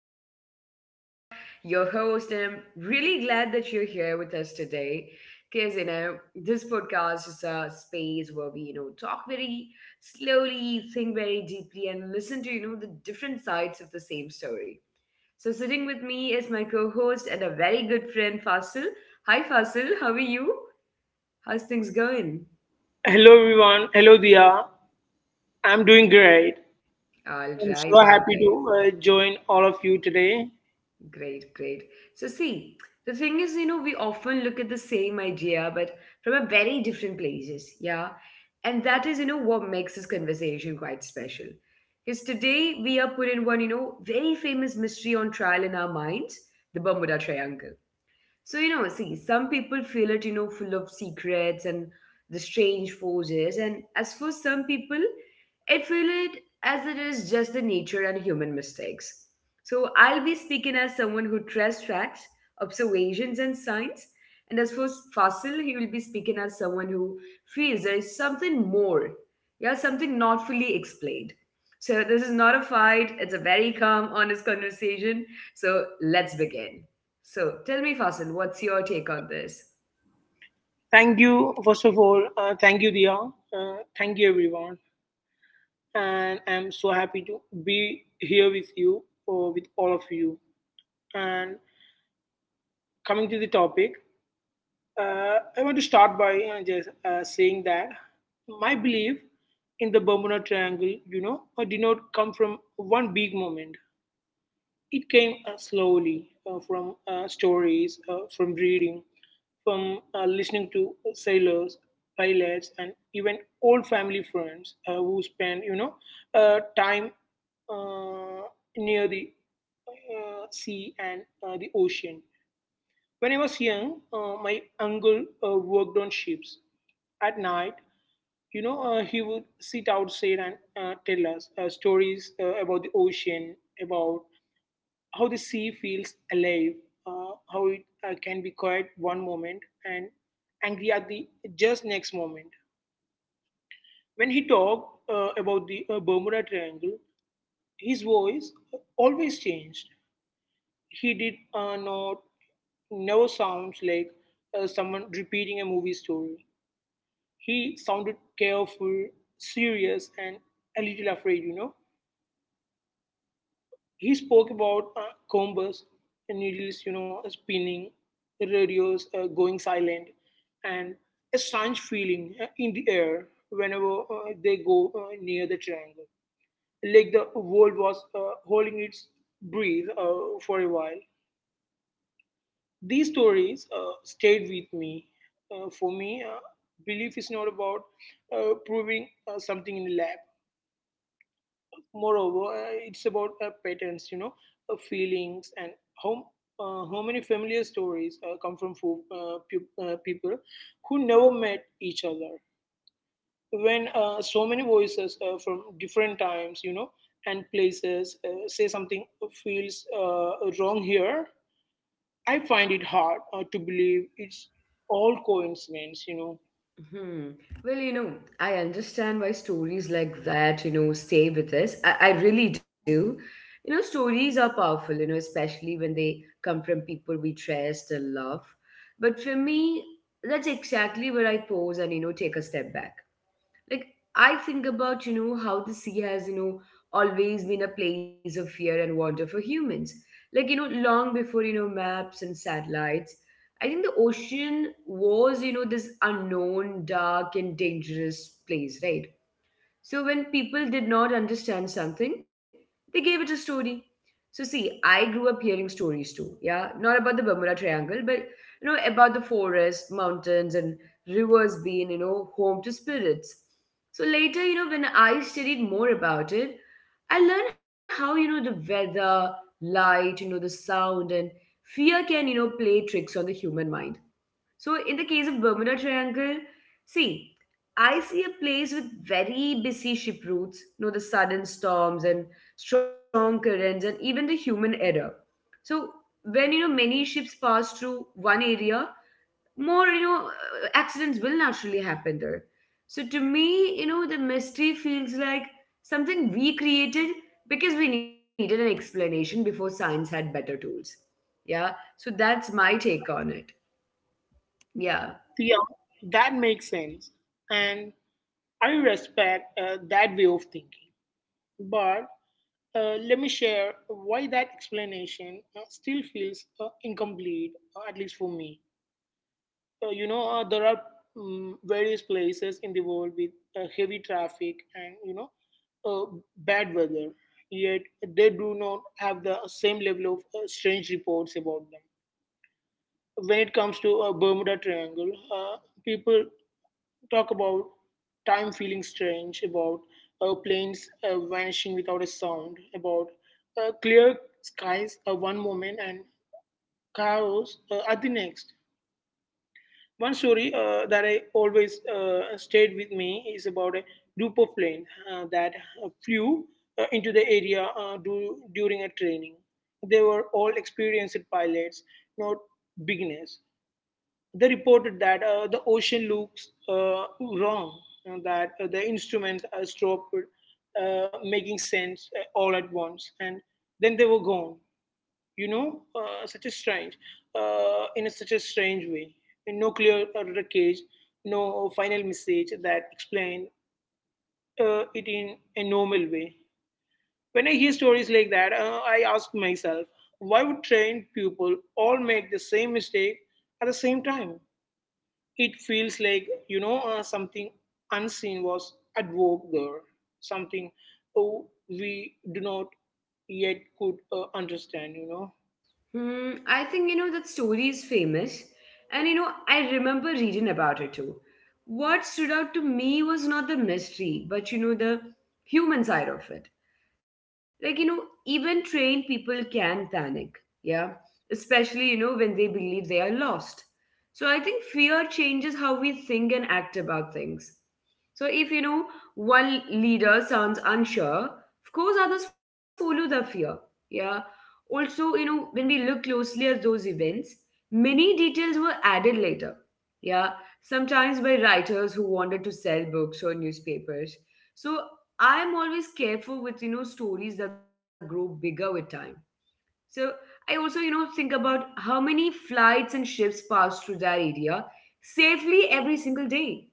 So I am Dia, your host, and I'm really glad that you're here with us today. Because this podcast is a space where we talk very slowly, think very deeply, and listen to the different sides of the same story. So sitting with me is my co-host and a very good friend Fasil. Hi Fasil, how are you? How's things going? Hello, everyone. Hello, Dia. I'm doing great. All I'm so right, all right. happy to join all of you today. Great, great. So, see, the thing is we often look at the same idea, but from a very different places, yeah? And that is what makes this conversation quite special. Because today we are put in one very famous mystery on trial in our minds the Bermuda Triangle. So, see, some people feel it full of secrets and the strange forces. And as for some people, it feel it as it is just the nature and human mistakes. So I'll be speaking as someone who trusts facts, observations, and science. And as for Fasil, he will be speaking as someone who feels there is something more, yeah, something not fully explained. So this is not a fight; it's a very calm, honest conversation. So let's begin. So tell me, Fasil, what's your take on this? Thank you, first of all. Thank you, Dia. Thank you, everyone. And I'm so happy to be here with you, or with all of you. And coming to the topic, I want to start by just saying that my belief in the Bermuda Triangle, did not come from one big moment. It came slowly from stories, from reading, from listening to sailors, pilots, and even old family friends who spend, time uh, near the sea and the ocean. When I was young, my uncle worked on ships. At night, he would sit outside and tell us stories about the ocean, about how the sea feels alive, how it can be quiet one moment and angry at the just next moment. When he talked about the Bermuda Triangle, his voice always changed. He did not never sounds like someone repeating a movie story. He sounded careful, serious, and a little afraid, you know. He spoke about combers, needles, you know, spinning, radios going silent, and a strange feeling in the air whenever they go near the triangle, like the world was holding its breath for a while. These stories stayed with me. For me, belief is not about proving something in the lab. Moreover, it's about patterns, feelings, and how how many familiar stories come from people who never met each other. When so many voices from different times, you know, and places say something feels wrong here, I find it hard to believe it's all coincidence, you know. Hmm. Well, I understand why stories like that stay with us. I really do. Stories are powerful especially when they come from people we trust and love. But for me, that's exactly where I pause and take a step back. Like I think about how the sea has always been a place of fear and wonder for humans. Like, long before maps and satellites. I think the ocean was this unknown, dark and dangerous place, right? So when people did not understand something, they gave it a story. So see, I grew up hearing stories too, yeah, not about the Bermuda Triangle, but about the forest, mountains, and rivers being home to spirits. So later when I studied more about it, I learned how the weather, light, the sound, and fear can play tricks on the human mind. So, in the case of Bermuda Triangle, see, I see a place with very busy ship routes the sudden storms and strong currents, and even the human error. So, when many ships pass through one area, more accidents will naturally happen there. So, to me the mystery feels like something we created because we needed an explanation before science had better tools. Yeah, so that's my take on it. Yeah. Yeah, that makes sense, and I respect that way of thinking. But let me share why that explanation still feels incomplete, at least for me. There are various places in the world with heavy traffic and, uh, bad weather, yet they do not have the same level of strange reports about them when it comes to a Bermuda Triangle. People talk about time feeling strange, about planes vanishing without a sound, about clear skies one moment and chaos at the next. One story that I always stayed with me is about a group of plane that flew into the area during a training. They were all experienced pilots, not beginners. They reported that the ocean looks wrong, and that the instruments stopped making sense all at once, and then they were gone. You know, such a strange, such a strange way. No clear wreckage, no final message that explained it in a normal way. When I hear stories like that, I ask myself, why would trained people all make the same mistake at the same time? It feels like, something unseen was at work there, something oh, we do not yet could understand, you know. Hmm, I think that story is famous, and I remember reading about it too. What stood out to me was not the mystery, but the human side of it. Like even trained people can panic. Yeah, especially when they believe they are lost. So I think fear changes how we think and act about things. So if one leader sounds unsure, of course others follow the fear. Yeah. Also, you know when we look closely at those events, many details were added later. Yeah. Sometimes by writers who wanted to sell books or newspapers. So I'm always careful with stories that grow bigger with time. So I also think about how many flights and ships pass through that area safely every single day.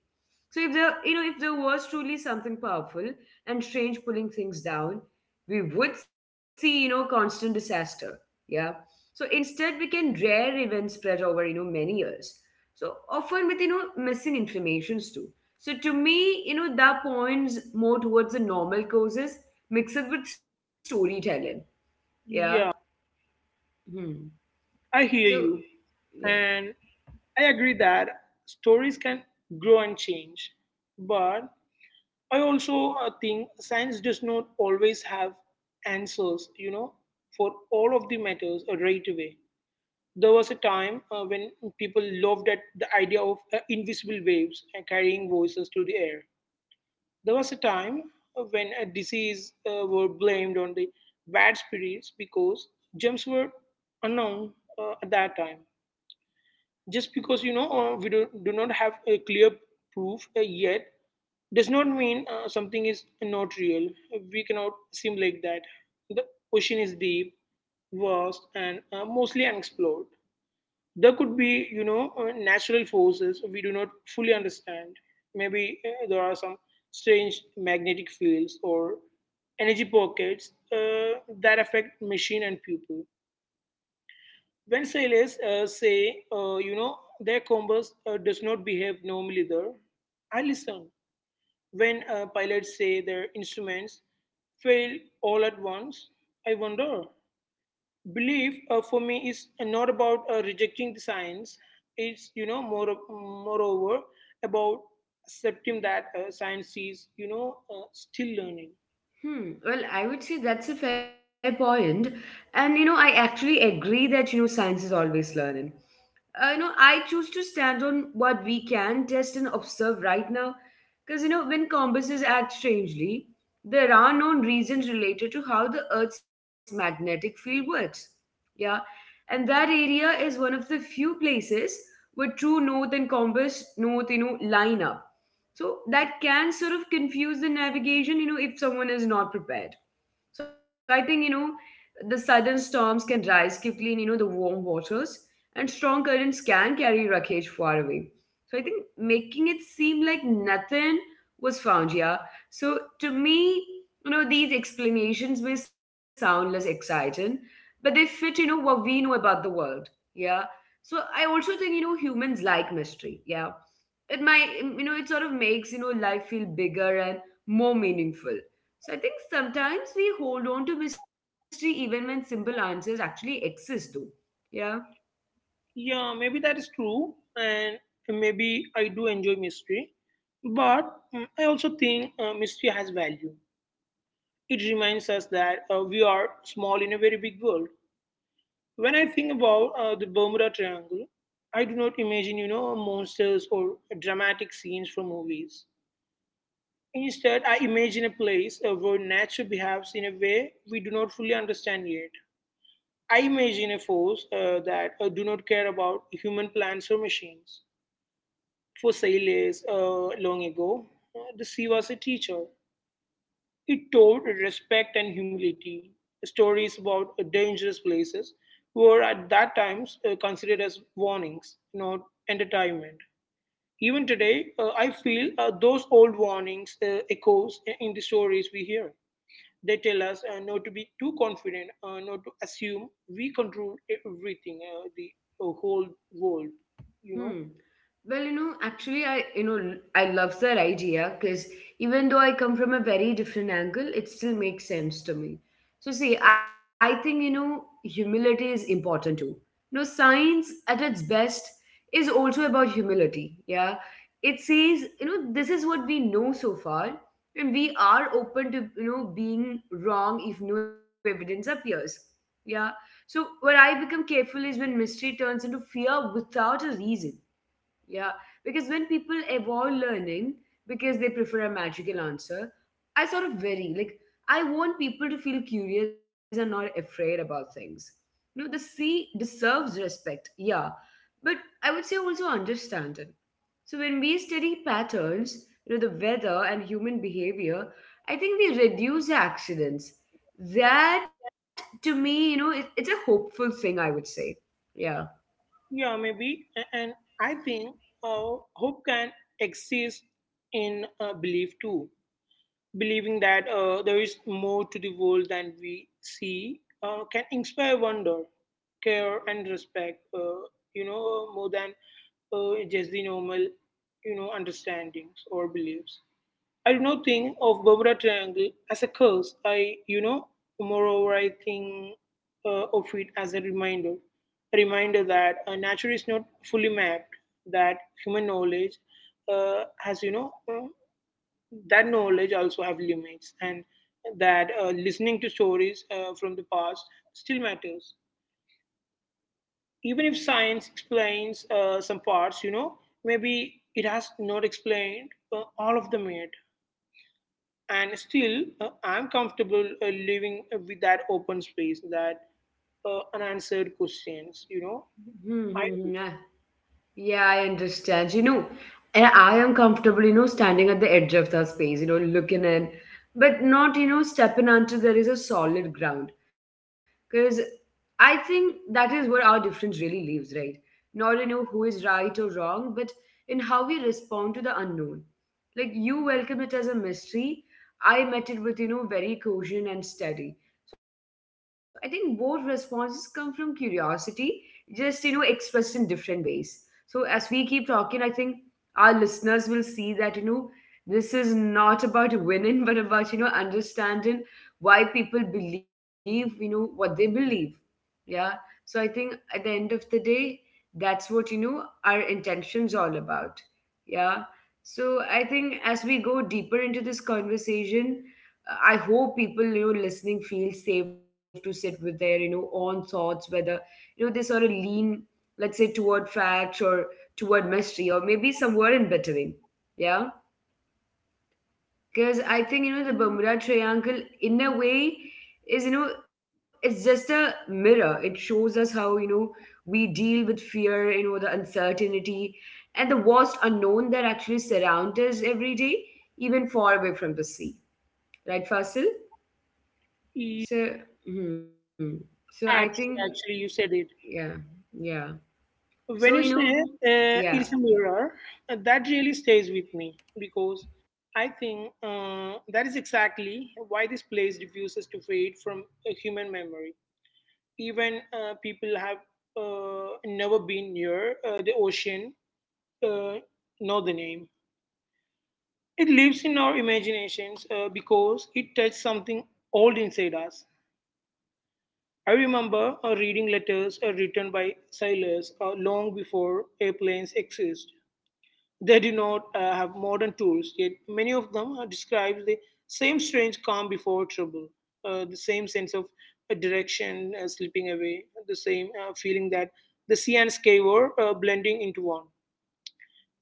So if there was truly something powerful and strange pulling things down, we would see constant disaster. Yeah. So instead, we can rare events spread over many years. So often with missing informations too. So to me that points more towards the normal causes mixed with storytelling. Yeah. Yeah, Hmm. I hear So, you. yeah. And I agree that stories can grow and change. But I also think science does not always have answers, you know, for all of the matters right away. There was a time when people loved at the idea of invisible waves carrying voices through the air. There was a time when disease were blamed on the bad spirits because germs were unknown at that time. Just because you know do not have a clear proof yet does not mean something is not real. We cannot seem like that. The ocean is deep, vast, and mostly unexplored. There could be you know natural forces we do not fully understand. Maybe there are some strange magnetic fields or energy pockets that affect machine and people. When sailors say you know their compass does not behave normally there, I listen. When pilots say their instruments fail all at once, I wonder. Belief for me is not about rejecting the science. It's you know moreover about accepting that science is you know still learning. Hmm. Well, I would say that's a fair point. And I actually agree that science is always learning. I choose to stand on what we can test and observe right now. Because when compasses act strangely, there are known reasons related to how the Earth's magnetic field works. Yeah. And that area is one of the few places where true north and compass north line up. So that can sort of confuse the navigation if someone is not prepared. So I think the sudden storms can rise quickly in the warm waters, and strong currents can carry wreckage far away. So I think making it seem like nothing was found, yeah. So to me these explanations may sound less exciting, but they fit what we know about the world, yeah. So I also think humans like mystery. Yeah, it might it sort of makes life feel bigger and more meaningful. So I think sometimes we hold on to mystery even when simple answers actually exist though. Yeah. Yeah, maybe that is true, and maybe I do enjoy mystery. But I also think mystery has value. It reminds us that we are small in a very big world. When I think about the Bermuda Triangle, I do not imagine you know monsters or dramatic scenes from movies. Instead, I imagine a place where nature behaves in a way we do not fully understand yet. I imagine a force that do not care about human plants or machines. For sailors long ago, the sea was a teacher. It taught respect and humility. Stories about dangerous places were at that times considered as warnings, not entertainment. Even today, I feel those old warnings echoes in the stories we hear. They tell us not to be too confident, not to assume we control everything, the whole world, you know. Hmm. Well, actually, I you know I love that idea because even though I come from a very different angle, it still makes sense to me. So, see, I think humility is important too. Science at its best is also about humility. Yeah, it says this is what we know so far, and we are open to being wrong if new evidence appears. Yeah. So, where I become careful is when mystery turns into fear without a reason. Yeah, because when people avoid learning because they prefer a magical answer, I sort of vary. Like, I want people to feel curious and not afraid about things. The sea deserves respect, yeah, but I would say also understand it. So, when we study patterns the weather and human behavior, I think we reduce the accidents. That to me it's a hopeful thing, I would say. Yeah. Yeah, maybe. And I think hope can exist in belief too. Believing that there is more to the world than we see can inspire wonder, care, and respect, you know, more than just the normal, you know, understandings or beliefs. I do not think of Bermuda Triangle as a curse. Moreover, I think of it as a reminder that nature is not fully mapped. That human knowledge uh, has, you know, uh, that knowledge also have limits, and that listening to stories from the past still matters. Even if science explains some parts, you know, maybe it has not explained all of them yet. And still I'm comfortable living with that open space, that unanswered questions, you know I Yeah, I understand. And I am comfortable standing at the edge of the space looking in, but not stepping until there is a solid ground. Because I think that is where our difference really lives, right? Not in who is right or wrong, but in how we respond to the unknown. Like you welcome it as a mystery. I met it with very caution and steady. So I think both responses come from curiosity, just expressed in different ways. So as we keep talking, I think our listeners will see that this is not about winning, but about understanding why people believe what they believe. Yeah. So I think at the end of the day, that's what our intention's all about. Yeah. So I think as we go deeper into this conversation, I hope people listening feel safe to sit with their own thoughts, whether they sort of lean, let's say, toward facts or toward mystery or maybe somewhere in between. Yeah. Because I think the Bermuda Triangle, in a way, is it's just a mirror. It shows us how we deal with fear the uncertainty and the vast unknown that actually surrounds us every day, even far away from the sea. Right, Fasil? Yeah, So, hmm. So I think, actually you said it. yeah, yeah. So, When you say yeah. it's a mirror, that really stays with me because I think that is exactly why this place refuses to fade from a human memory. Even people have never been near the ocean uh, know the name. It lives in our imaginations because it touched something old inside us. I remember reading letters written by sailors long before airplanes exist. They do not have modern tools, yet many of them describe the same strange calm before trouble, the same sense of direction slipping away, the same feeling that the sea and sky were blending into one.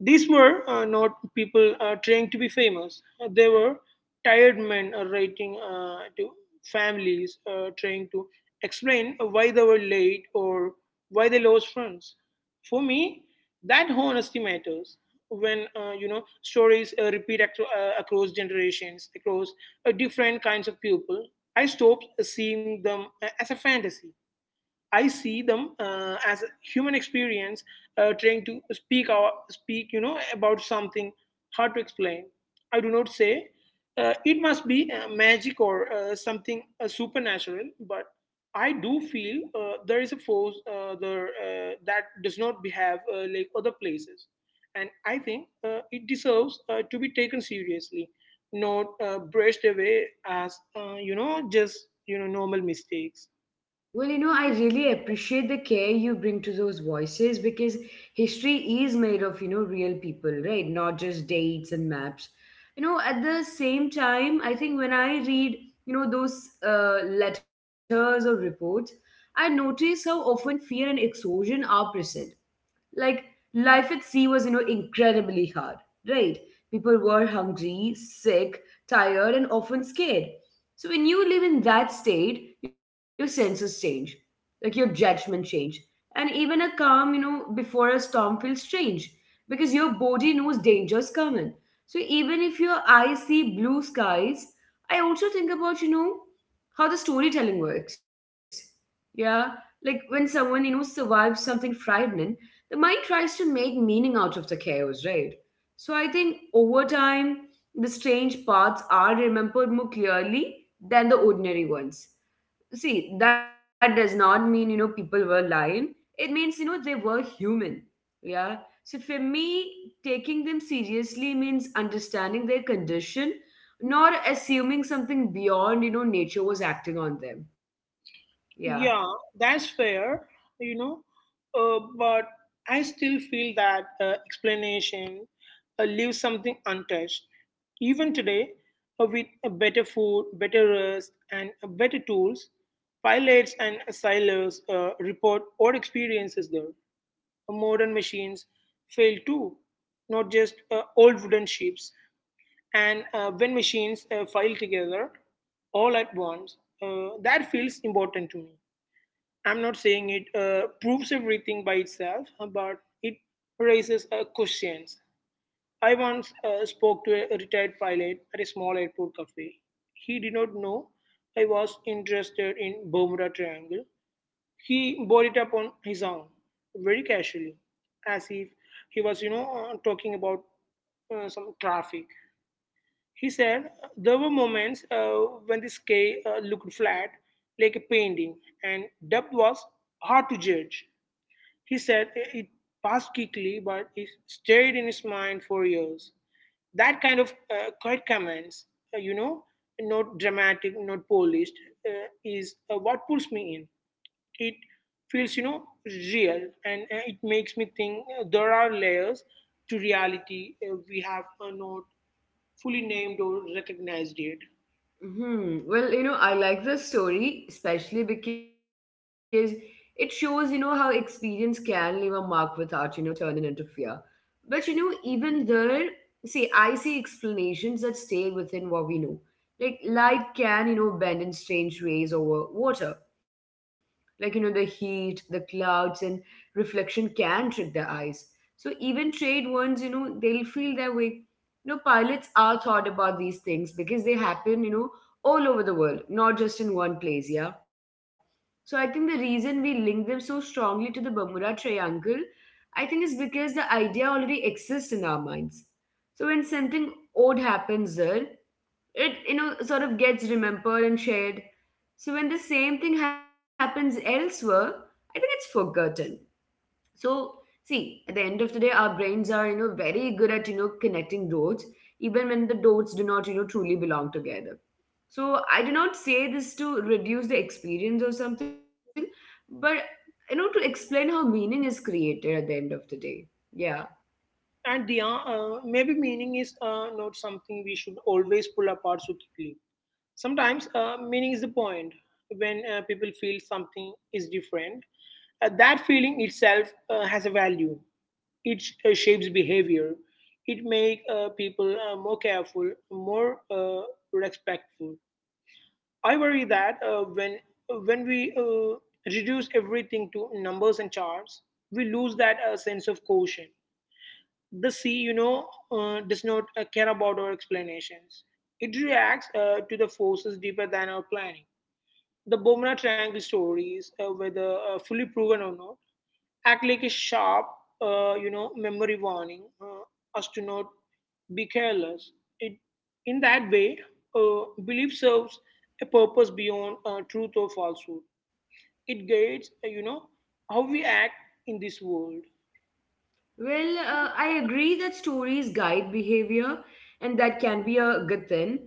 These were not people trying to be famous. They were tired men writing to families, trying to explain why they were late or why they lost friends. For me, that honesty matters. When you know stories repeat across generations, across different kinds of people, I stopped seeing them as a fantasy. I see them as a human experience trying to speak you know about something hard to explain. I do not say it must be magic or something supernatural, but I do feel there is a force there that does not behave like other places, and I think it deserves to be taken seriously, not brushed away as you know just you know normal mistakes. Well, I really appreciate the care you bring to those voices because history is made of real people, right? Not just dates and maps. At the same time, I think when I read those letters or reports, I notice how often fear and exhaustion are present. Like life at sea was incredibly hard, right? People were hungry, sick, tired, and often scared. So when you live in that state, your senses change, like your judgment change. And even a calm before a storm feels strange because your body knows danger's coming. So even if your eyes see blue skies, I also think about how the storytelling works. Yeah. Like when someone survives something frightening, the mind tries to make meaning out of the chaos, right? So I think over time, the strange parts are remembered more clearly than the ordinary ones. See, that does not mean people were lying. It means they were human. Yeah. So for me, taking them seriously means understanding their condition, not assuming something beyond nature was acting on them. Yeah. Yeah, that's fair, you know, but I still feel that explanation leaves something untouched. Even today, with better food, better rest, and better tools, pilots and sailors report odd experiences there. Modern machines fail too, not just old wooden ships. And when machines file together all at once, that feels important to me. I'm not saying it proves everything by itself, but it raises questions. I once spoke to a retired pilot at a small airport cafe. He did not know I was interested in Bermuda Triangle. He brought it up on his own, very casually, as if he was, talking about some traffic. He said there were moments when the sky looked flat, like a painting, and depth was hard to judge. He said it passed quickly, but it stayed in his mind for years. That kind of quiet comments, uh, you know, not dramatic, not polished, is what pulls me in. It feels, you know, real and it makes me think there are layers to reality we have not fully named or recognized yet. Hmm. Well, I like this story especially because it shows, how experience can leave a mark without, turning into fear. But, even there, see, I see explanations that stay within what we know. Like light can, bend in strange ways over water. Like, the heat, the clouds, and reflection can trick their eyes. So even trade ones, they'll feel their way. Pilots are thought about these things because they happen, all over the world, not just in one place, yeah. So I think the reason we link them so strongly to the Bermuda Triangle, I think is because the idea already exists in our minds. So when something odd happens there, it sort of gets remembered and shared. So when the same thing happens elsewhere, I think it's forgotten. So see, at the end of the day our brains are very good at connecting dots, even when the dots do not truly belong together. So I do not say this to reduce the experience or something, but to explain how meaning is created at the end of the day, yeah. And the maybe meaning is not something we should always pull apart so quickly. Sometimes meaning is the point. When people feel something is different, that feeling itself has a value. It shapes behavior. It makes people more careful, more respectful. I worry that when we reduce everything to numbers and charts, we lose that sense of caution. The sea, you know, does not care about our explanations. It reacts to the forces deeper than our planning the Bermuda Triangle stories, whether fully proven or not, act like a sharp, memory warning us to not be careless. It, in that way, belief serves a purpose beyond truth or falsehood. It guides, how we act in this world. Well, I agree that stories guide behavior, and that can be a good thing.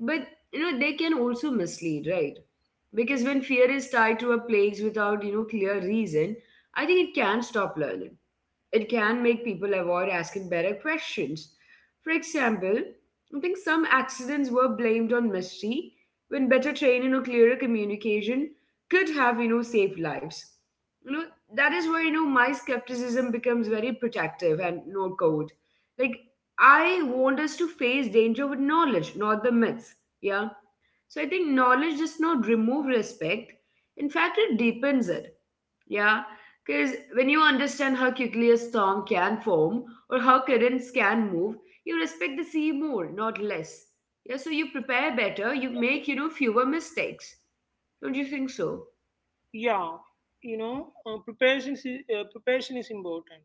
But they can also mislead, right? Because when fear is tied to a place without clear reason, I think it can stop learning. It can make people avoid asking better questions. For example, I think some accidents were blamed on mystery when better training or clearer communication could have, saved lives. You know, that is where, my skepticism becomes very protective and no code. Like, I want us to face danger with knowledge, not the myths. Yeah. So I think knowledge does not remove respect. In fact, it deepens it. Yeah, because when you understand how quickly a storm can form or how currents can move, you respect the sea more, not less. Yeah, so you prepare better, you make, fewer mistakes. Don't you think so? Yeah, you know, preparation is preparation is important.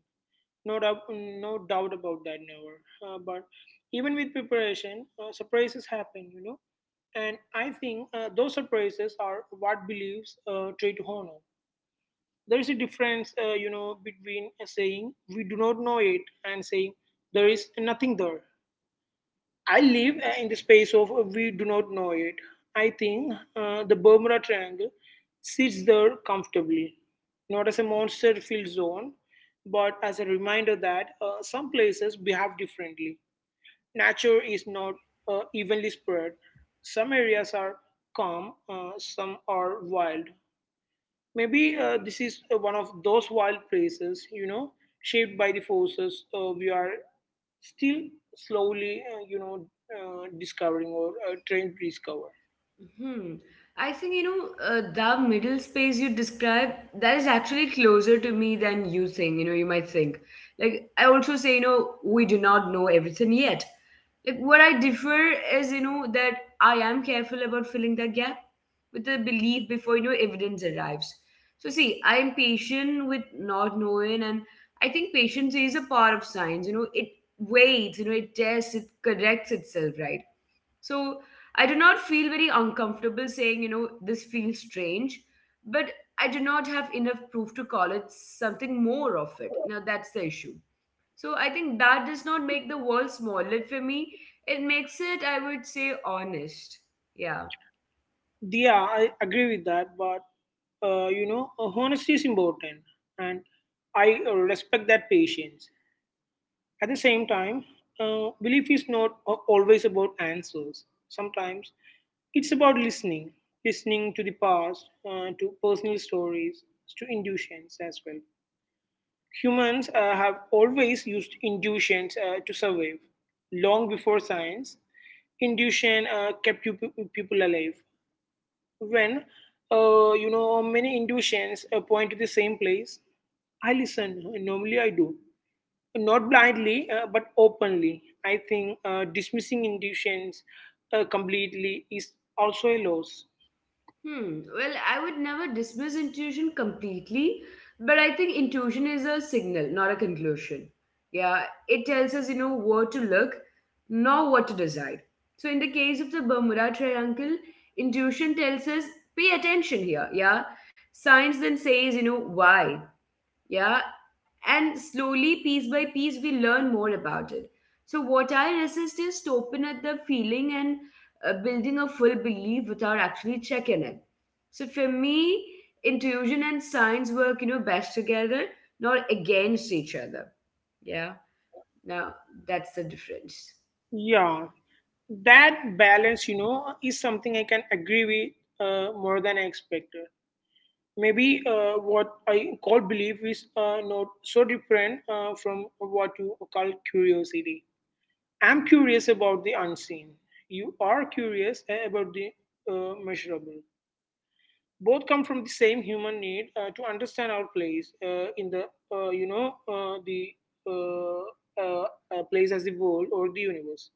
No doubt, no doubt about that, never. But even with preparation, surprises happen, you know. And I think those surprises are what beliefs try to honor. There is a difference, between saying we do not know it and saying there is nothing there. I live in the space of we do not know it. I think the Bermuda Triangle sits there comfortably, not as a monster filled zone, but as a reminder that some places behave differently. Nature is not evenly spread. Some areas are calm, some are wild. Maybe this is one of those wild places, you know, shaped by the forces we are still slowly, discovering or trying to discover. Hmm. I think, the middle space you describe, that is actually closer to me than you think, you might think. Like, I also say, we do not know everything yet. Like, what I differ is, that I am careful about filling that gap with the belief before, evidence arrives. So, see, I am patient with not knowing, and I think patience is a part of science, it waits, it tests, it corrects itself, right? So I do not feel very uncomfortable saying, this feels strange, but I do not have enough proof to call it something more of it. Now that's the issue. So I think that does not make the world smaller for me. It makes it, I would say, honest. Yeah. Yeah, I agree with that, but honesty is important, and I respect that patience. At the same time, belief is not always about answers. Sometimes it's about listening, listening to the past, to personal stories, to intuitions as well. Humans have always used intuitions to survive. Long before science, intuition kept people alive. When many intuitions point to the same place, I listen. Normally, I do not blindly but openly. I think dismissing intuitions completely is also a loss. Hmm. Well, I would never dismiss intuition completely, but I think intuition is a signal, not a conclusion. Yeah, it tells us, where to look, not what to decide. So, in the case of the Bermuda Triangle, intuition tells us, pay attention here. Yeah, science then says, why. Yeah, and slowly, piece by piece, we learn more about it. So, what I resist is stopping at the feeling and building a full belief without actually checking it. So, for me, intuition and science work, best together, not against each other. Yeah. Now, that's the difference. Yeah, that balance, you know, is something I can agree with more than I expected. Maybe what I call belief is not so different from what you call curiosity. I'm curious about the unseen. You are curious about the measurable. Both come from the same human need to understand our place in the uh, you know uh, the uh, uh, place as the world or the universe.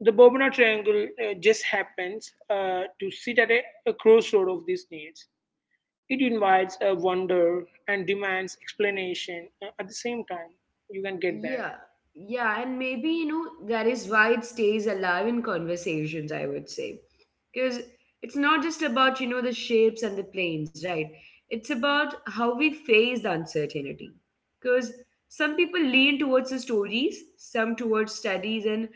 The Bobana Triangle just happens to sit at a crossroad of these needs it invites a wonder and demands explanation at the same time. You can get that. Yeah. Yeah. And maybe, that is why it stays alive in conversations, I would say, because it's not just about the shapes and the planes, right? It's about how we face the uncertainty. Because some people lean towards the stories, some towards studies, and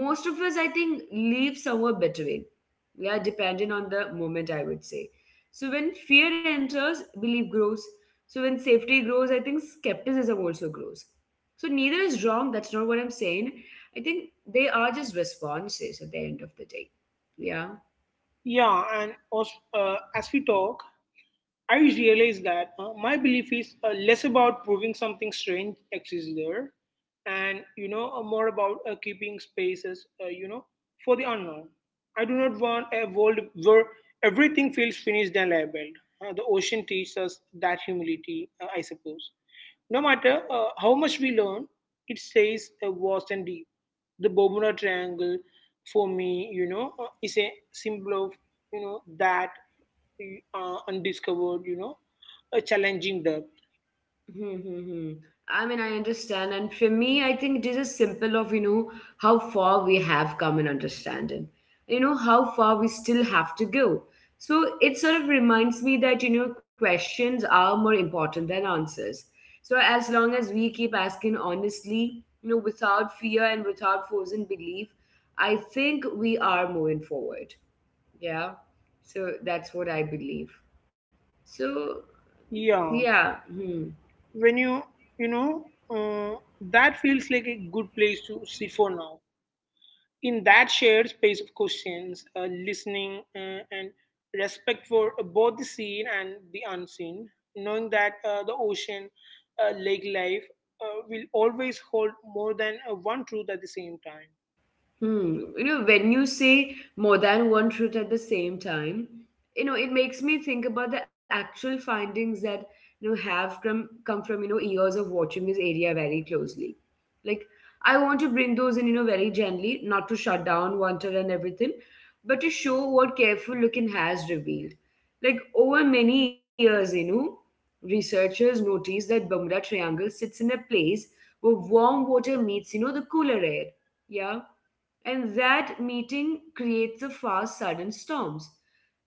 most of us, I think, live somewhere between, yeah, depending on the moment, I would say. So when fear enters, belief grows. So when safety grows, I think skepticism also grows. So neither is wrong, that's not what I'm saying. I think they are just responses at the end of the day, yeah. Yeah, and as, as we talk, I realize that my belief is less about proving something strange exists there, and you know more about keeping spaces, for the unknown. I do not want a world where everything feels finished and labeled. The ocean teaches us that humility, I suppose. No matter how much we learn, it stays vast and deep. The Bermuda Triangle, for me, you know, is a symbol of, you know, that undiscovered, you know, a challenging depth. Hmm, hmm, hmm. I mean, I understand. And for me, I think it is a simple of, how far we have come in understanding, how far we still have to go. So it sort of reminds me that, questions are more important than answers. So as long as we keep asking honestly, without fear and without frozen belief, I think we are moving forward. Yeah. So that's what I believe. So, Yeah, yeah. Hmm. when you uh, that feels like a good place to sit for now. In that shared space of questions, listening, and respect for both the seen and the unseen, knowing that the ocean, lake life, will always hold more than one truth at the same time. Hmm. You know, when you say more than one truth at the same time, it makes me think about the actual findings that have come from years of watching this area very closely. Like, I want to bring those in, very gently, not to shut down Wanted and everything, but to show what careful looking has revealed. Like over many years, researchers noticed that Bermuda Triangle sits in a place where warm water meets, the cooler air. Yeah, and that meeting creates a fast sudden storms.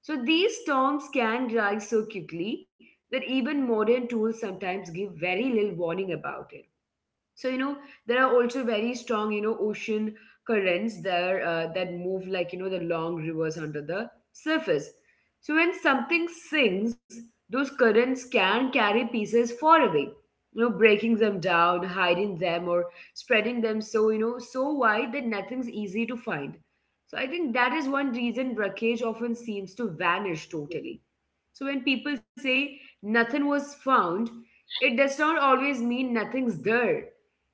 So these storms can rise so quickly that even modern tools sometimes give very little warning about it. So there are also very strong ocean currents there, that move like the long rivers under the surface. So when something sinks, those currents can carry pieces far away, breaking them down, hiding them, or spreading them so so wide that nothing's easy to find. So I think that is one reason wreckage often seems to vanish totally. So when people say nothing was found, it does not always mean nothing's there.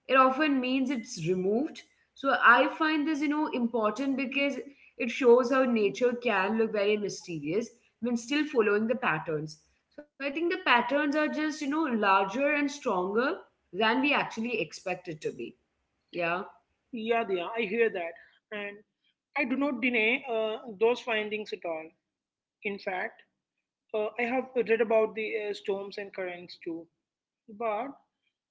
It often means it's removed. So I find this important because it shows how nature can look very mysterious when still following the patterns. So I think the patterns are just larger and stronger than we actually expect it to be, yeah. Yeah, yeah, I hear that. And I do not deny those findings at all. In fact, I have read about the storms and currents too. But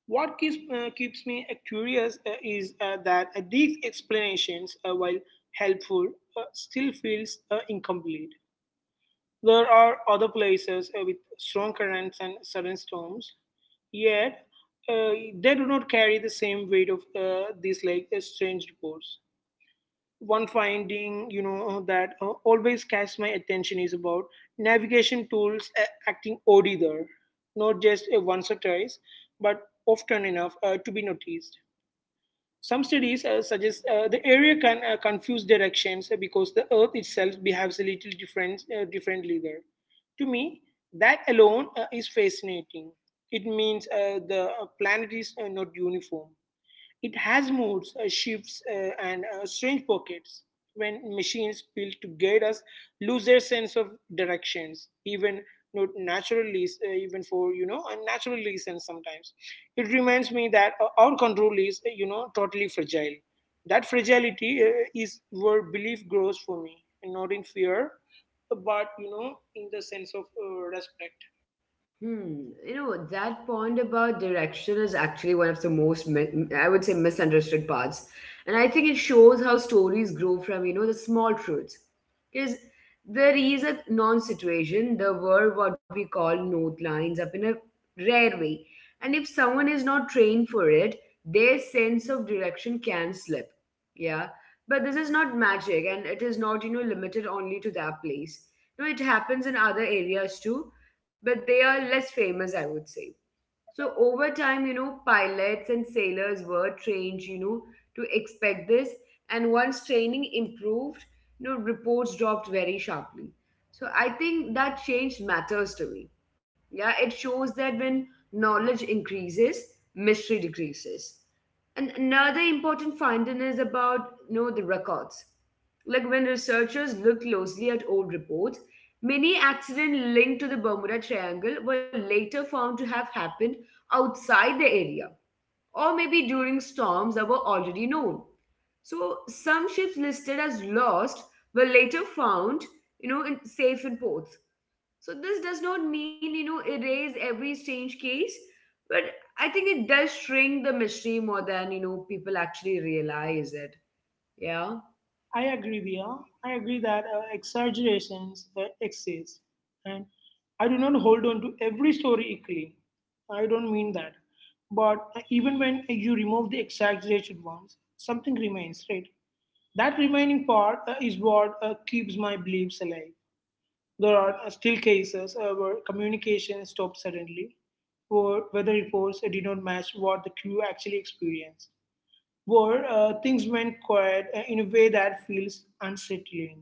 What keeps, uh, keeps me uh, curious is that these explanations, while helpful, still feels incomplete. There are other places with strong currents and sudden storms, yet uh, they do not carry the same weight of these like strange reports. One finding, you know, that always catches my attention is about navigation tools acting odd either, not just once or twice, but often enough to be noticed. Some studies suggest the area can confuse directions because the Earth itself behaves a little differently there. To me, that alone is fascinating. It means the planet is not uniform. It has moods, shifts, and strange pockets. When machines built to guide us lose their sense of directions, even not naturally, even for you know unnatural reasons. Sometimes it reminds me that our control is you know totally fragile. That fragility is where belief grows for me, and not in fear, but you know in the sense of respect. Hmm. You know, that point about direction is actually one of the most, mi- I would say, misunderstood parts. And I think it shows how stories grow from, the small truths. Because there is a non situation, there were what we call note lines up in a rare way. And if someone is not trained for it, their sense of direction can slip. Yeah. But this is not magic and it is not, limited only to that place. No, it happens in other areas too, but they are less famous, I would say. So over time, pilots and sailors were trained, to expect this. And once training improved, reports dropped very sharply. So I think that change matters to me. Yeah, it shows that when knowledge increases, mystery decreases. And another important finding is about, the records. Like when researchers looked closely at old reports, many accidents linked to the Bermuda Triangle were later found to have happened outside the area or maybe during storms that were already known. So some ships listed as lost were later found, in, safe in ports. So this does not mean, erase every strange case, but I think it does shrink the mystery more than, people actually realize it. Yeah. I agree, Dia. I agree that exaggerations exist. And I do not hold on to every story equally. I don't mean that. But even when you remove the exaggerated ones, something remains, right? That remaining part is what keeps my beliefs alive. There are still cases where communication stopped suddenly, or weather reports did not match what the crew actually experienced where things went quiet in a way that feels unsettling.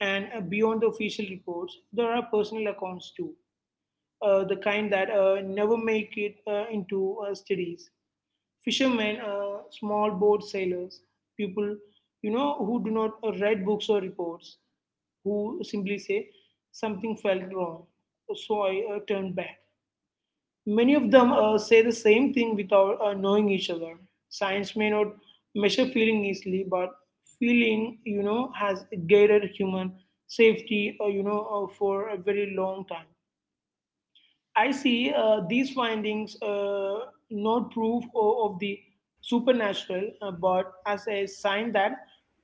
And beyond the official reports, there are personal accounts too, the kind that never make it into studies. Fishermen, small boat sailors, people you know who do not write books or reports, who simply say something felt wrong, so I turned back. Many of them say the same thing without knowing each other. Science may not measure feeling easily, but feeling, you know, has guided human safety, for a very long time. I see these findings not proof of the supernatural, but as a sign that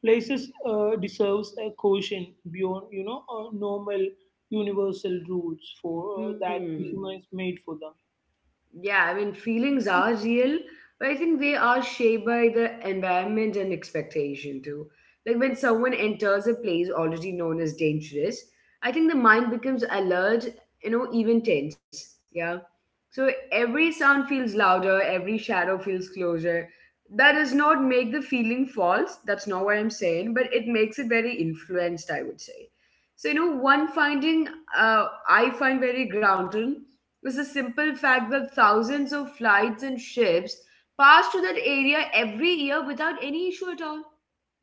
places deserves a caution beyond, normal universal rules for that Hmm. humans made for them. Yeah, I mean, feelings are real, but I think they are shaped by the environment and expectation too. Like when someone enters a place already known as dangerous, I think the mind becomes alert, even tense. Yeah. So every sound feels louder, every shadow feels closer. That does not make the feeling false. That's not what I'm saying, but it makes it very influenced, I would say. So, one finding I find very grounded was the simple fact that thousands of flights and ships pass through that area every year without any issue at all.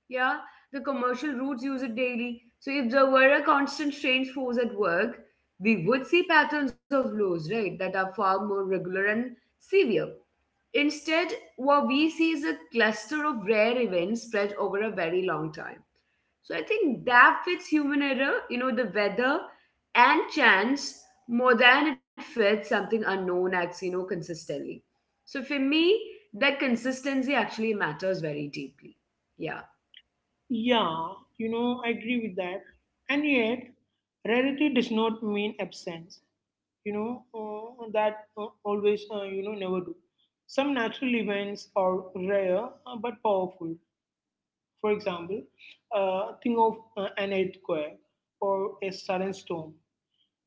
Yeah, the commercial routes use it daily. So if there were a constant strange force at work, we would see patterns of lows, right, that are far more regular and severe. Instead, what we see is a cluster of rare events spread over a very long time. So I think that fits human error, the weather and chance more than it fits something unknown acts, consistently. So for me, that consistency actually matters very deeply. Yeah. Yeah, you know, I agree with that. And yet, rarity does not mean absence. You know, that always, you know, never do. Some natural events are rare but powerful. For example, think of an earthquake or a sudden storm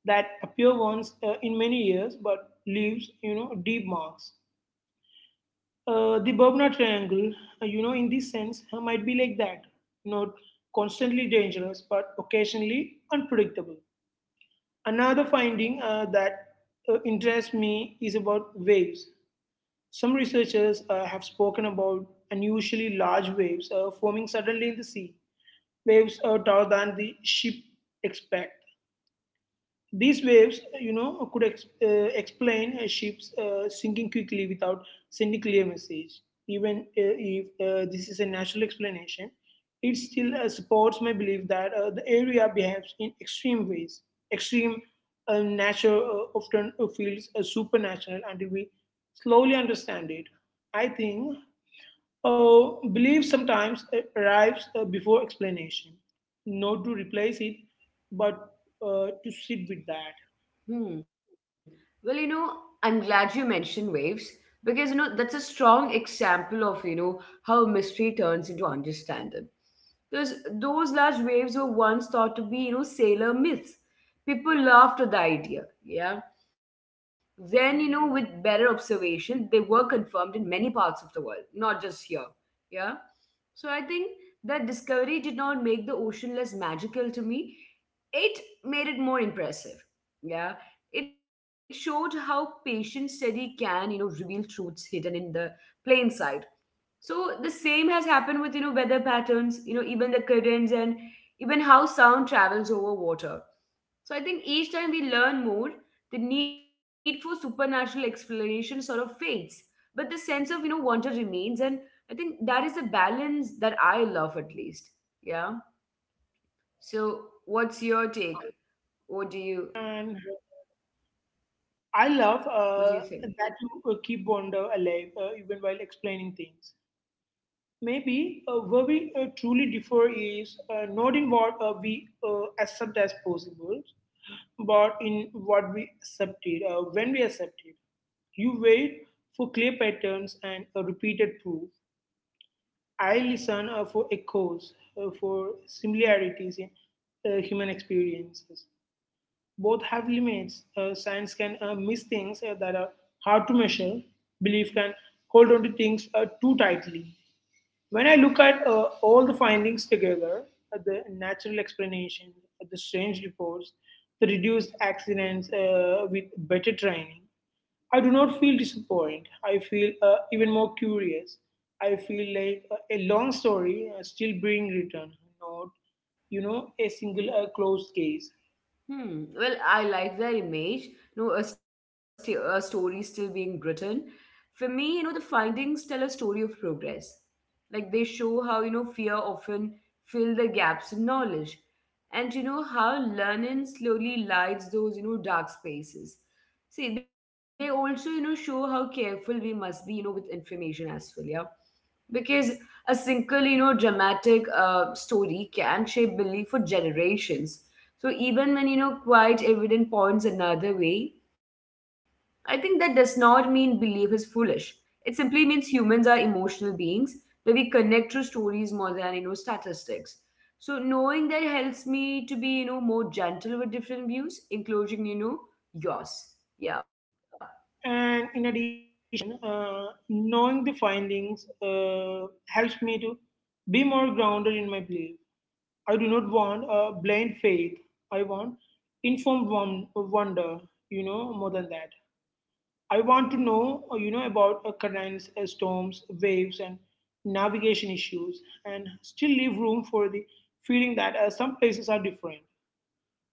that appear once in many years but leaves, you know, deep marks. The Bermuda Triangle, in this sense, might be like that. Not constantly dangerous, but occasionally unpredictable. Another finding that interests me is about waves. Some researchers have spoken about unusually large waves forming suddenly in the sea, waves taller than the ship expect. These waves, you know, could explain ships sinking quickly without sending clear message. Even if this is a natural explanation, it still supports my belief that the area behaves in extreme ways. Extreme nature often feels supernatural until we slowly understand it. I think belief sometimes arrives before explanation, not to replace it, but to sit with that. Hmm. Well, I'm glad you mentioned waves because, that's a strong example of, how mystery turns into understanding. Because those large waves were once thought to be, sailor myths. People laughed at the idea, yeah. Then, with better observation, they were confirmed in many parts of the world, not just here, yeah. So I think that discovery did not make the ocean less magical to me. It made it more impressive. Yeah. It showed how patient study can, reveal truths hidden in the plain sight. So the same has happened with, weather patterns, even the currents and even how sound travels over water. So I think each time we learn more, the need for supernatural explanation sort of fades. But the sense of, wonder remains. And I think that is the balance that I love at least. Yeah. So what's your take? Yeah, What do you and I what do love you think? That you keep wonder alive even while explaining things. Maybe where we truly differ is not in what we accept as possible, but in what we accepted, when we accepted. You wait for clear patterns and a repeated proof. I listen for echoes, for similarities in human experiences. Both have limits. Science can miss things that are hard to measure. Belief can hold on to things too tightly. When I look at all the findings together, the natural explanation, the strange reports, the reduced accidents with better training, I do not feel disappointed. I feel even more curious. I feel like a long story still bring return, not you know a single closed case. Hmm. Well, I like that image. No, a story still being written. For me, the findings tell a story of progress. Like they show how fear often fill the gaps in knowledge, and how learning slowly lights those dark spaces. See, they also show how careful we must be with information as well. Yeah, because a single dramatic story can shape belief for generations, so even when quite evident points another way, I think that does not mean belief is foolish. It simply means humans are emotional beings, that we connect through stories more than statistics. So knowing that helps me to be more gentle with different views, including yours. Yeah. And in addition, knowing the findings helps me to be more grounded in my belief. I do not want a blind faith. I want informed one, wonder, you know, more than that. I want to know, about currents, storms, waves, and navigation issues, and still leave room for the feeling that some places are different.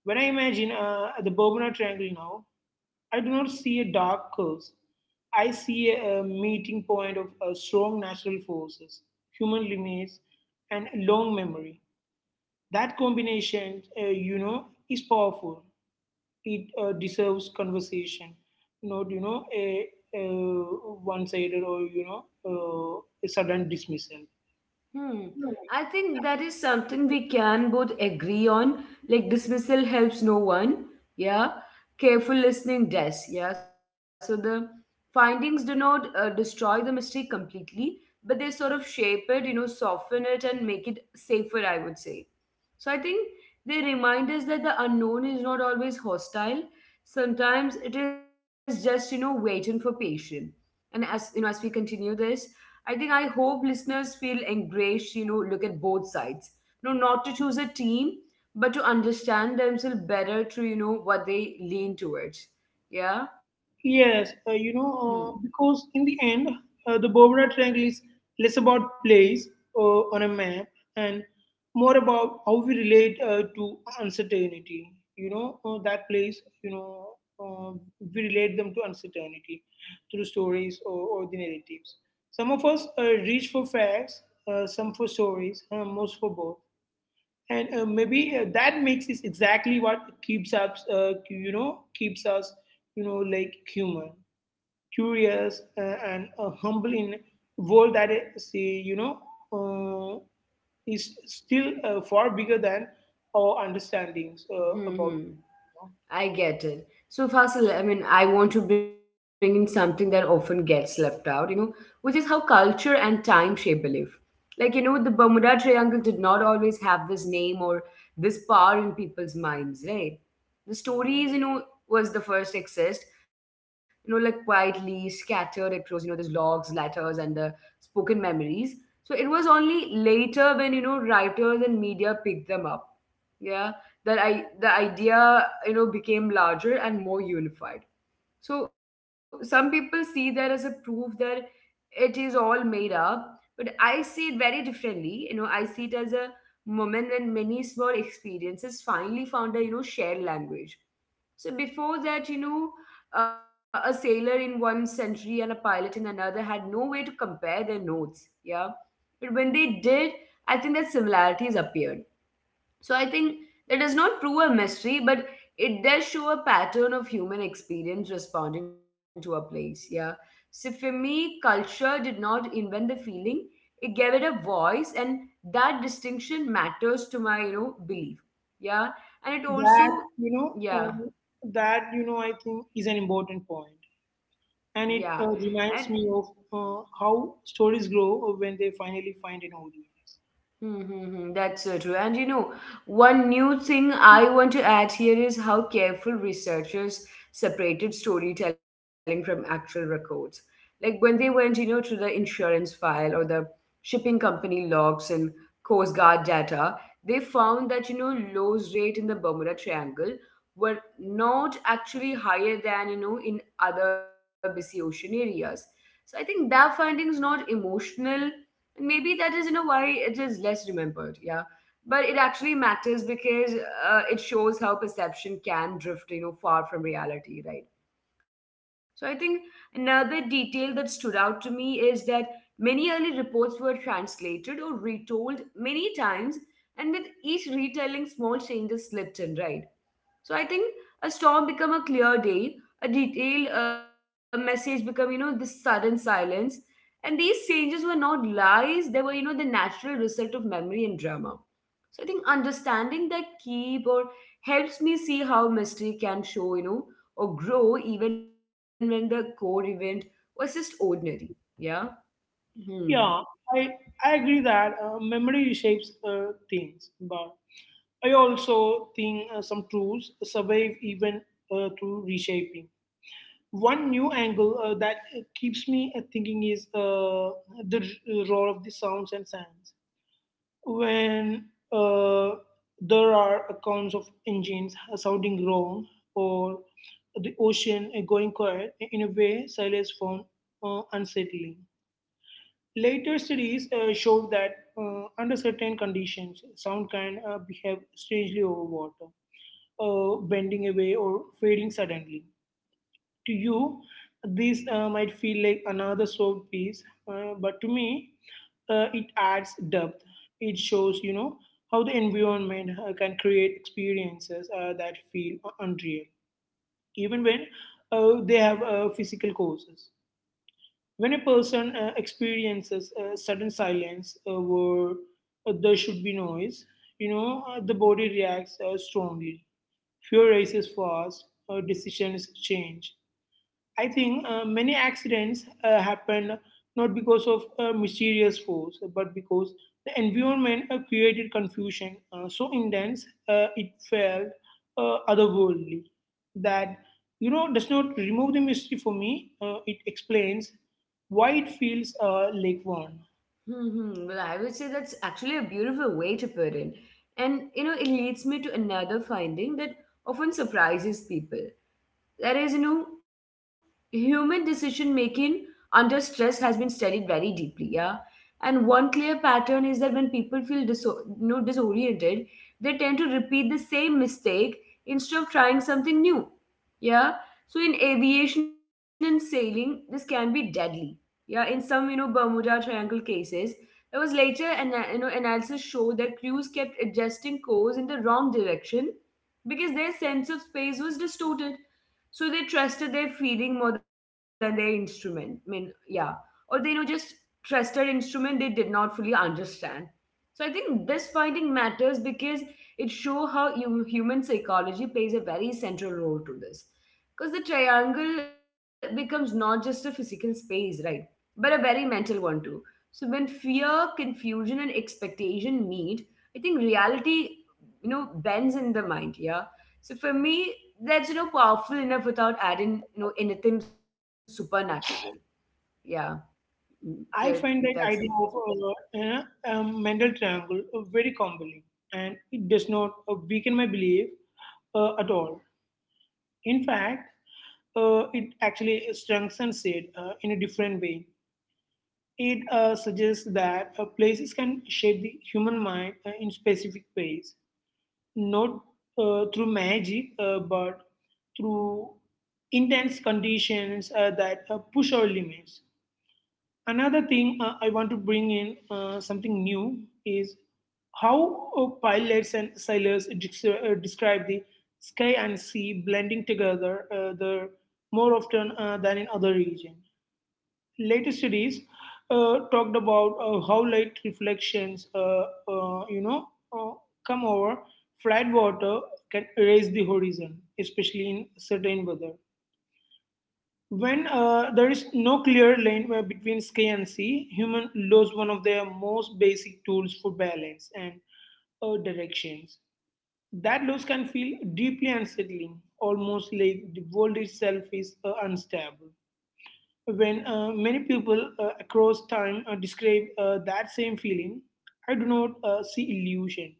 When I imagine the Bermuda Triangle now, I do not see a dark curse. I see a meeting point of strong natural forces, human limits, and long memory. That combination, is powerful. It deserves conversation, not a, a one-sided or a sudden dismissal. Hmm. I think that is something we can both agree on. Like dismissal helps no one. Yeah. Careful listening does. Yeah. So the findings do not destroy the mystery completely, but they sort of shape it, you know, soften it and make it safer, I would say. So I think they remind us that the unknown is not always hostile. Sometimes it is just, you know, waiting for patience, and as as we continue this, I think I hope listeners feel encouraged, look at both sides. No, not to choose a team, but to understand themselves better through what they lean towards. Yeah. Yes, hmm. Because in the end, the Bermuda Triangle is less about place on a map and more about how we relate to uncertainty. You know, that place, you know, uh, we relate them to uncertainty through stories or the narratives. Some of us reach for facts, some for stories, most for both. And maybe that mix is exactly what keeps us, keeps us, like human curious and humble in world that is, uh, is still far bigger than our understandings Hmm. about hmm. you I get it. So, Fasil, I mean, I want to bring in something that often gets left out, you know, which is how culture and time shape belief. Like, you know, the Bermuda Triangle did not always have this name or this power in people's minds, right? The stories, you know, was the first exist, you know, like quietly scattered across, you know, these logs, letters, and the spoken memories. So it was only later when, you know, writers and media picked them up, yeah, that I the idea became larger and more unified. So some people see that as a proof that it is all made up, but I see it very differently. You know, I see it as a moment when many small experiences finally found a shared language. So before that, you know, a sailor in one century and a pilot in another had no way to compare their notes. Yeah. But when they did, I think that similarities appeared. So I think that does not prove a mystery, but it does show a pattern of human experience responding to a place. Yeah. So for me, culture did not invent the feeling; it gave it a voice, and that distinction matters to my belief. Yeah, and it know. that. also You know, yeah um, that I think is an important point, yeah and it and reminds me of how stories grow when they finally find an audience. Mm-hmm. That's so true. And you know, one new thing I want to add here is how careful researchers separated storytelling from actual records. Like when they went, you know, to the insurance file or the shipping company logs and Coast Guard data, they found that, you know, Lowe's rate in the Bermuda Triangle were not actually higher than, you know, in other busy ocean areas. So I think that finding is not emotional, and maybe that is, you know, why it is less remembered, yeah. But it actually matters because it shows how perception can drift, you know, far from reality, right? So I think another detail that stood out to me is that many early reports were translated or retold many times, and with each retelling, small changes slipped in, right? So I think a storm become a clear day, a detailed message become, you know, this sudden silence. And these changes were not lies, they were, you know, the natural result of memory and drama. So I think understanding that keep or helps me see how mystery can show, you know, or grow even when the core event was just ordinary. Yeah. Hmm. Yeah, I I agree that memory shapes things, but I also think some truths survive even through reshaping. One new angle that keeps me thinking is role of the sounds and sounds. When uh, there are accounts of engines sounding wrong or the ocean going quiet, in a way, silence found unsettling. Later studies showed that under certain conditions, sound can behave strangely over water, bending away or fading suddenly. To you, this might feel like another soft piece, but to me, it adds depth. It shows, you know, how the environment can create experiences that feel unreal, even when they have physical causes. When a person experiences sudden silence where there should be noise, the body reacts strongly. Fuel rises fast, decisions change. I think many accidents happen not because of a mysterious force, but because the environment created confusion so intense it felt otherworldly. That, you know, does not remove the mystery for me. It explains why it feels like one. Well, I would say that's actually a beautiful way to put it. And, you know, it leads me to another finding that often surprises people. There is no, human decision making under stress has been studied very deeply, yeah. And one clear pattern is that when people feel no, disoriented, they tend to repeat the same mistake instead of trying something new, yeah. So in aviation and sailing, this can be deadly, yeah. In some Bermuda Triangle cases, it was later, and analysis showed that crews kept adjusting course in the wrong direction because their sense of space was distorted. So they trusted their feeling more than their instrument. I mean, yeah. Or they, you know, just trusted instrument they did not fully understand. So I think this finding matters because it shows how human psychology plays a very central role to this. Because the triangle becomes not just a physical space, right? But a very mental one too. So when fear, confusion, and expectation meet, I think reality, you know, bends in the mind, yeah. So for me, that's powerful enough without adding anything supernatural. Yeah. Mm. I So find that that's idea me. of Mendel triangle very compelling, and it does not weaken my belief at all. In fact, it actually strengthens it in a different way. It suggests that places can shape the human mind in specific ways, not through magic, but through intense conditions that push our limits. Another thing I want to bring in, something new, is how pilots and sailors describe the sky and sea blending together the more often than in other regions. Later studies talked about how light reflections, uh, you know, uh, come over flat water, can erase the horizon, especially in certain weather. When there is no clear line between sky and sea, human lose one of their most basic tools for balance and directions. That loss can feel deeply unsettling, almost like the world itself is unstable. When many people across time describe that same feeling, I do not see illusion.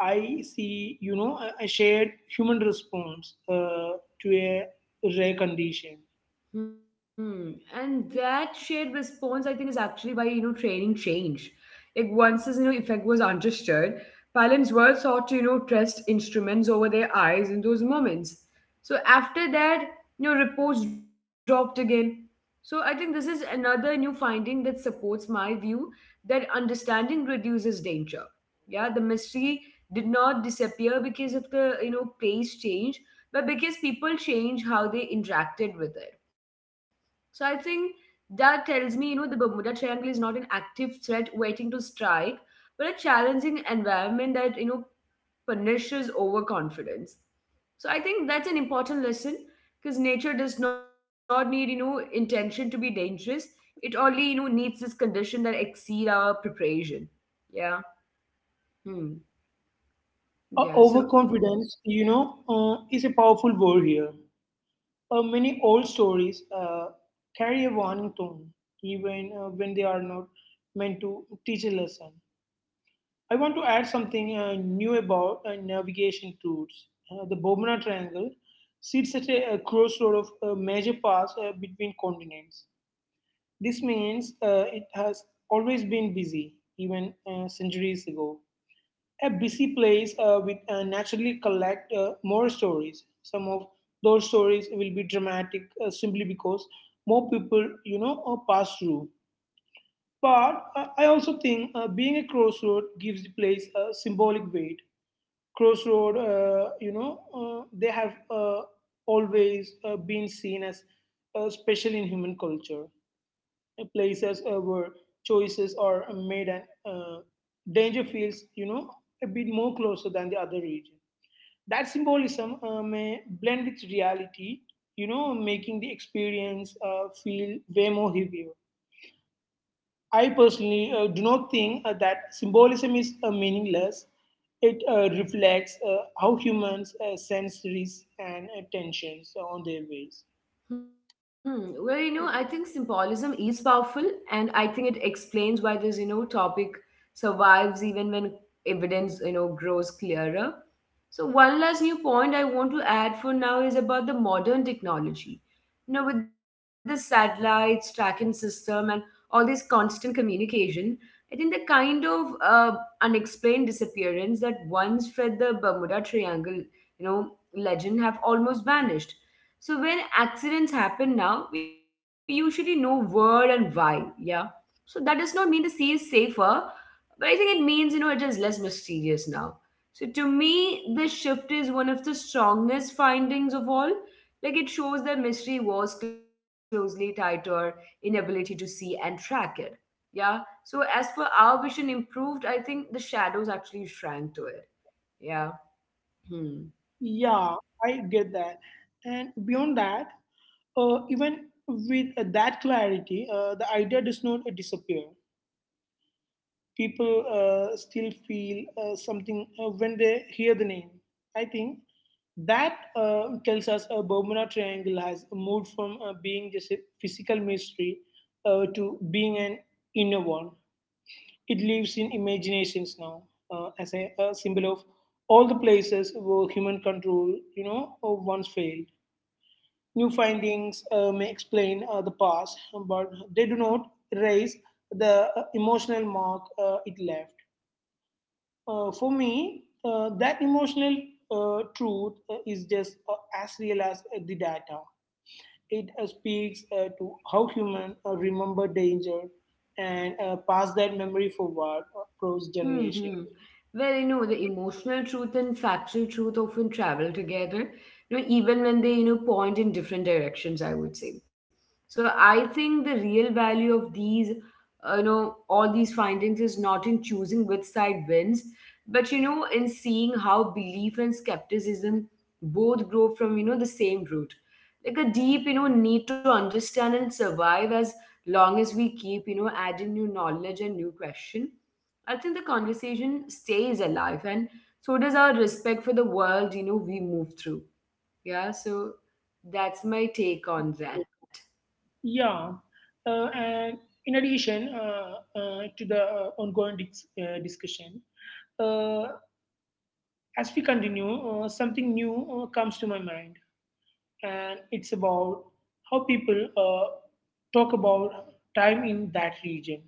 I see, you know, a shared human response to a rare condition. Hmm. And that shared response, I think, is actually why, you know, training changed. Like once this, you know, effect was understood, parents were taught to, you know, trust instruments over their eyes in those moments. So after that, you know, reports dropped again. So I think this is another new finding that supports my view that understanding reduces danger. Yeah, the mystery did not disappear because of the, you know, pace change, but because people change how they interacted with it. So I think that tells me, you know, the Bermuda Triangle is not an active threat waiting to strike, but a challenging environment that, you know, punishes overconfidence. So I think that's an important lesson, because nature does not need, you know, intention to be dangerous. It only, you know, needs this condition that exceed our preparation. Yeah. Hmm. Yeah. So. Overconfidence, you know, is a powerful word here. Many old stories carry a warning tone, even when they are not meant to teach a lesson. I want to add something new about navigation routes. The Bomana Triangle sits at a crossroad of a major paths between continents. This means it has always been busy, even centuries ago. A busy place will naturally collect more stories. Some of those stories will be dramatic simply because more people, pass through. But I also think being a crossroad gives the place a symbolic weight. Crossroad, they have always been seen as special in human culture, places where choices are made and danger feels, you know, a bit more closer than the other region. That symbolism may blend with reality, you know, making the experience feel way more heavier. I personally do not think that symbolism is meaningless. It reflects how humans sense risks and tensions on their ways. Hmm. Well, you know, I think symbolism is powerful, and I think it explains why this, you know, topic survives even when evidence, you know, grows clearer. So, one last new point I want to add for now is about the modern technology. You know, with the satellites, tracking system, and all this constant communication, I think the kind of unexplained disappearance that once fed the Bermuda Triangle, you know, legend have almost vanished. So when accidents happen now, we usually know where and why. Yeah. So that does not mean the sea is safer, but I think it means it is less mysterious now. So to me, this shift is one of the strongest findings of all. Like it shows that mystery was closely tied to our inability to see and track it. Yeah. So as for our vision improved, I think the shadows actually shrank to it. Yeah. Hmm. Yeah, I get that. And beyond that, even with that clarity, the idea does not disappear. People still feel something when they hear the name. I think that tells us a Bermuda Triangle has moved from being just a physical mystery to being an inner one. It lives in imaginations now as a symbol of all the places where human control, once failed. New findings may explain the past, but they do not raise the emotional mark it left. For me, that emotional truth is just as real as the data. It speaks to how human remember danger and pass that memory forward across generations. hmm Well, you know, the emotional truth and factual truth often travel together, you know, even when they, you know, point in different directions, I would say. So I think the real value of these, you know, all these findings is not in choosing which side wins, but, you know, in seeing how belief and skepticism both grow from, you know, the same root. Like a deep, you know, need to understand and survive. As long as we keep, you know, adding new knowledge and new question, I think the conversation stays alive, and so does our respect for the world, you know, we move through. Yeah, so that's my take on that. Yeah, and in addition to the ongoing discussion, uh, as we continue, something new comes to my mind, and it's about how people talk about time in that region.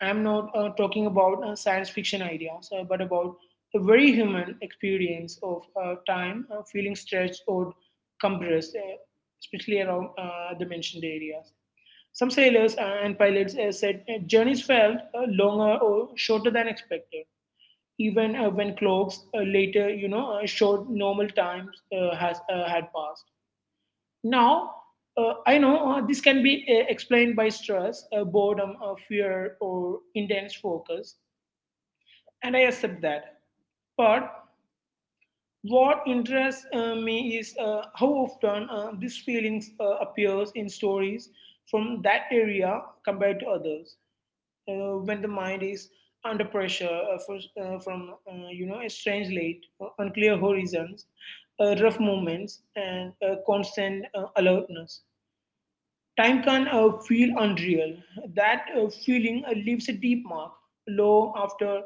I'm not talking about science fiction ideas, but about a very human experience of time feeling stretched or compressed, especially around the mentioned areas. Some sailors and pilots said journeys felt longer or shorter than expected even when clocks showed normal times has had passed. Now, I know this can be explained by stress, boredom, fear, or intense focus, and I accept that. But what interests me is how often these feelings appears in stories from that area compared to others. When the mind is under pressure from a strange light, unclear horizons, rough movements, and constant alertness. Time can feel unreal. That feeling leaves a deep mark long after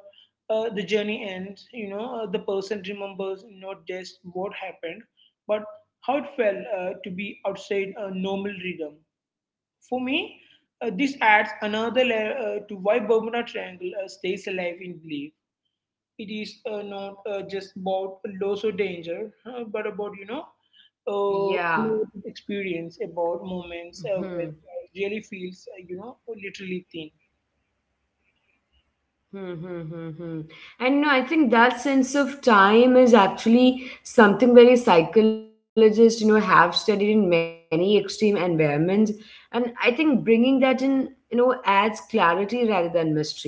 the journey ends. You know, the person remembers not just what happened, but how it felt to be outside a normal rhythm. For me, this adds another layer to why Bermuda Triangle stays alive in belief. It is not just about loss or danger, but about, you know, Yeah. unlimited experience, about moments Hmm. where really feels, you know, literally thin. Hmm, hmm, hmm, hmm. And no, I think that sense of time is actually something very psychologists, you know, have studied in many extreme environments. And I think bringing that in, you know, adds clarity rather than mystery,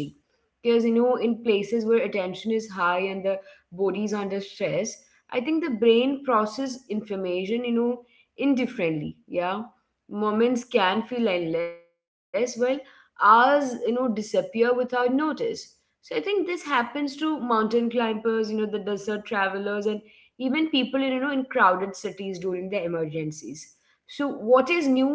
because in places where attention is high and the body is under stress, I think the brain process information indifferently, yeah. Moments can feel endless while hours disappear without notice. So I think this happens to mountain climbers, the desert travelers, and even people in in crowded cities during their emergencies.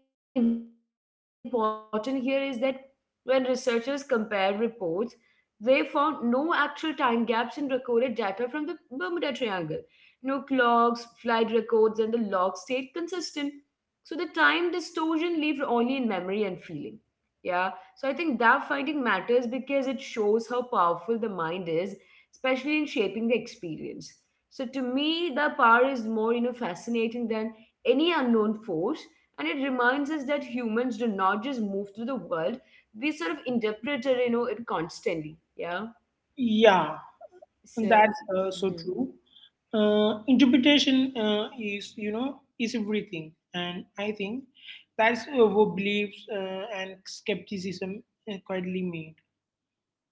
So what is new and important here is that when researchers compare reports, they found no actual time gaps in recorded data from the Bermuda Triangle. No clocks, flight records, and the log stayed consistent. So the time distortion lived only in memory and feeling. Yeah, so I think that finding matters because it shows how powerful the mind is, especially in shaping the experience. So to me, the power is more, you know, fascinating than any unknown force, and it reminds us that humans do not just move through the world; we sort of interpreted, you know, it constantly. Yeah, Yeah. that's so true. So, hmm. Interpretation is, you know, is everything, and I think that's what beliefs and skepticism quietly mean.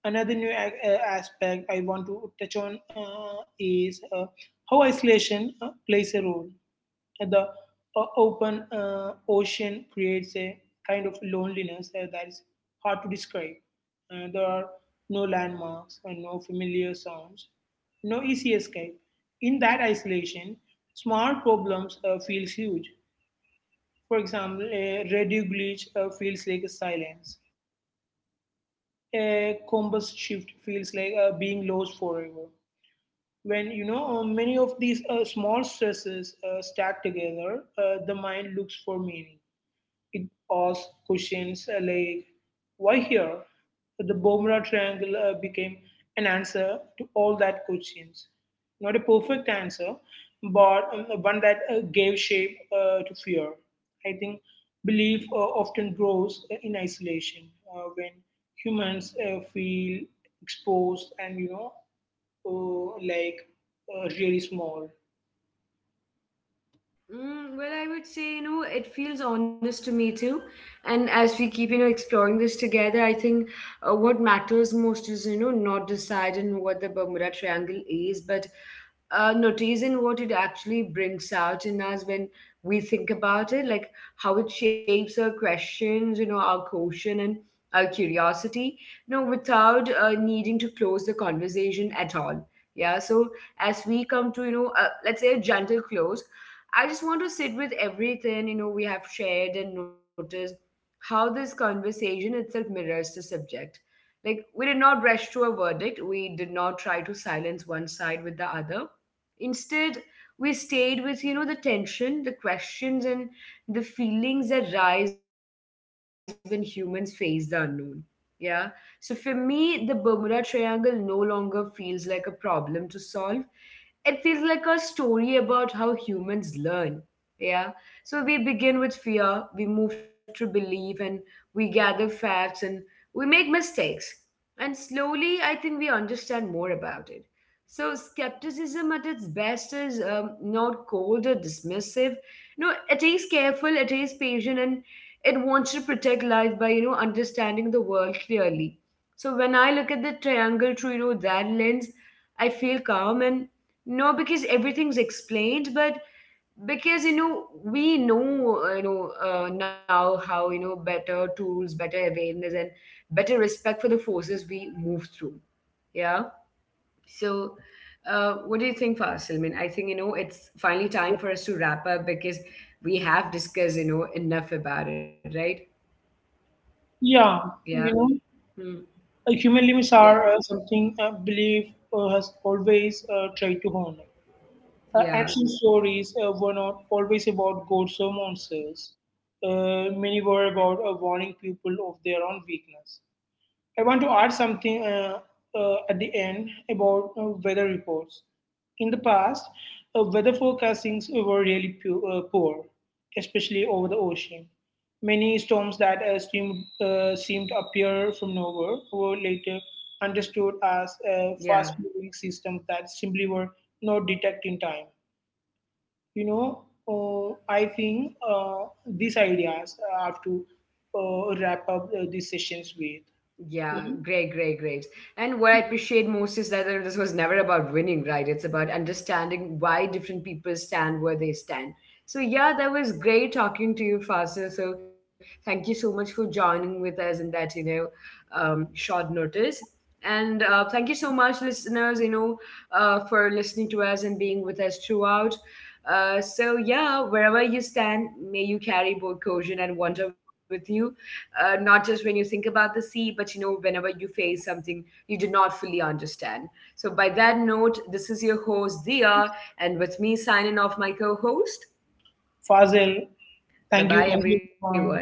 Another new aspect I want to touch on is how isolation plays a role. The open ocean creates a kind of loneliness that is hard to describe. There are no landmarks and no familiar sounds, no easy escape. In that isolation, small problems feels huge. For example, a radio glitch feels like a silence. A compass shift feels like being lost forever. When, many of these small stresses stack together, the mind looks for meaning. It asked questions like, why here? So the Bermuda Triangle became an answer to all that questions. Not a perfect answer, but one that gave shape to fear. I think belief often grows in isolation when humans feel exposed and, like really small. Mm, well, I would say, you know, it feels honest to me too. And as we keep, you know, exploring this together, I think what matters most is, you know, not deciding what the Bermuda Triangle is, but notice in what it actually brings out in us when we think about it, like how it shapes our questions, you know, our caution and our curiosity, you know, without needing to close the conversation at all. Yeah. So as we come to, you know, let's say a gentle close, I just want to sit with everything, you know, we have shared and notice how this conversation itself mirrors the subject, like, we did not rush to a verdict, we did not try to silence one side with the other. Instead, we stayed with, you know, the tension, the questions, and the feelings that rise when humans face the unknown. Yeah. So for me, the Bermuda Triangle no longer feels like a problem to solve. It feels like a story about how humans learn. Yeah. So we begin with fear, we move to belief, and we gather facts and we make mistakes. And slowly, I think we understand more about it. So, skepticism at its best is not cold or dismissive. No, it is careful, it is patient, and it wants to protect life by, you know, understanding the world clearly. So, when I look at the triangle through, you know, that lens, I feel calm and no, because everything's explained, but because you know we know you know now how you know better tools, better awareness, and better respect for the forces we move through. Yeah. So what do you think, Fasil? I mean, I think you know it's finally time for us to wrap up because we have discussed you know enough about it, right? Yeah, Yeah. you know Hmm. Human limits Yeah. are something belief has always tried to honor. Yeah. Ancient stories were not always about gods or monsters. Many were about warning people of their own weakness. I want to add something at the end about weather reports. In the past, weather forecastings were really poor, especially over the ocean. Many storms that seemed to appear from nowhere were later understood as fast Yeah. moving systems that simply were not detected in time. You know, I think these ideas I have to wrap up these sessions with. Yeah, Mhm. great, great, great. And what I appreciate most is that this was never about winning, right? It's about understanding why different people stand where they stand. So yeah, that was great talking to you, Fasil. So thank you so much for joining with us in that, you know, short notice. And thank you so much, listeners, you know, for listening to us and being with us throughout. So yeah, wherever you stand, may you carry both caution and wonder with you, not just when you think about the sea, but you know, whenever you face something you do not fully understand. So, by that note, this is your host, Dia, and with me signing off my co host. Fazil, Bye thank you. bye, Thank everyone. you.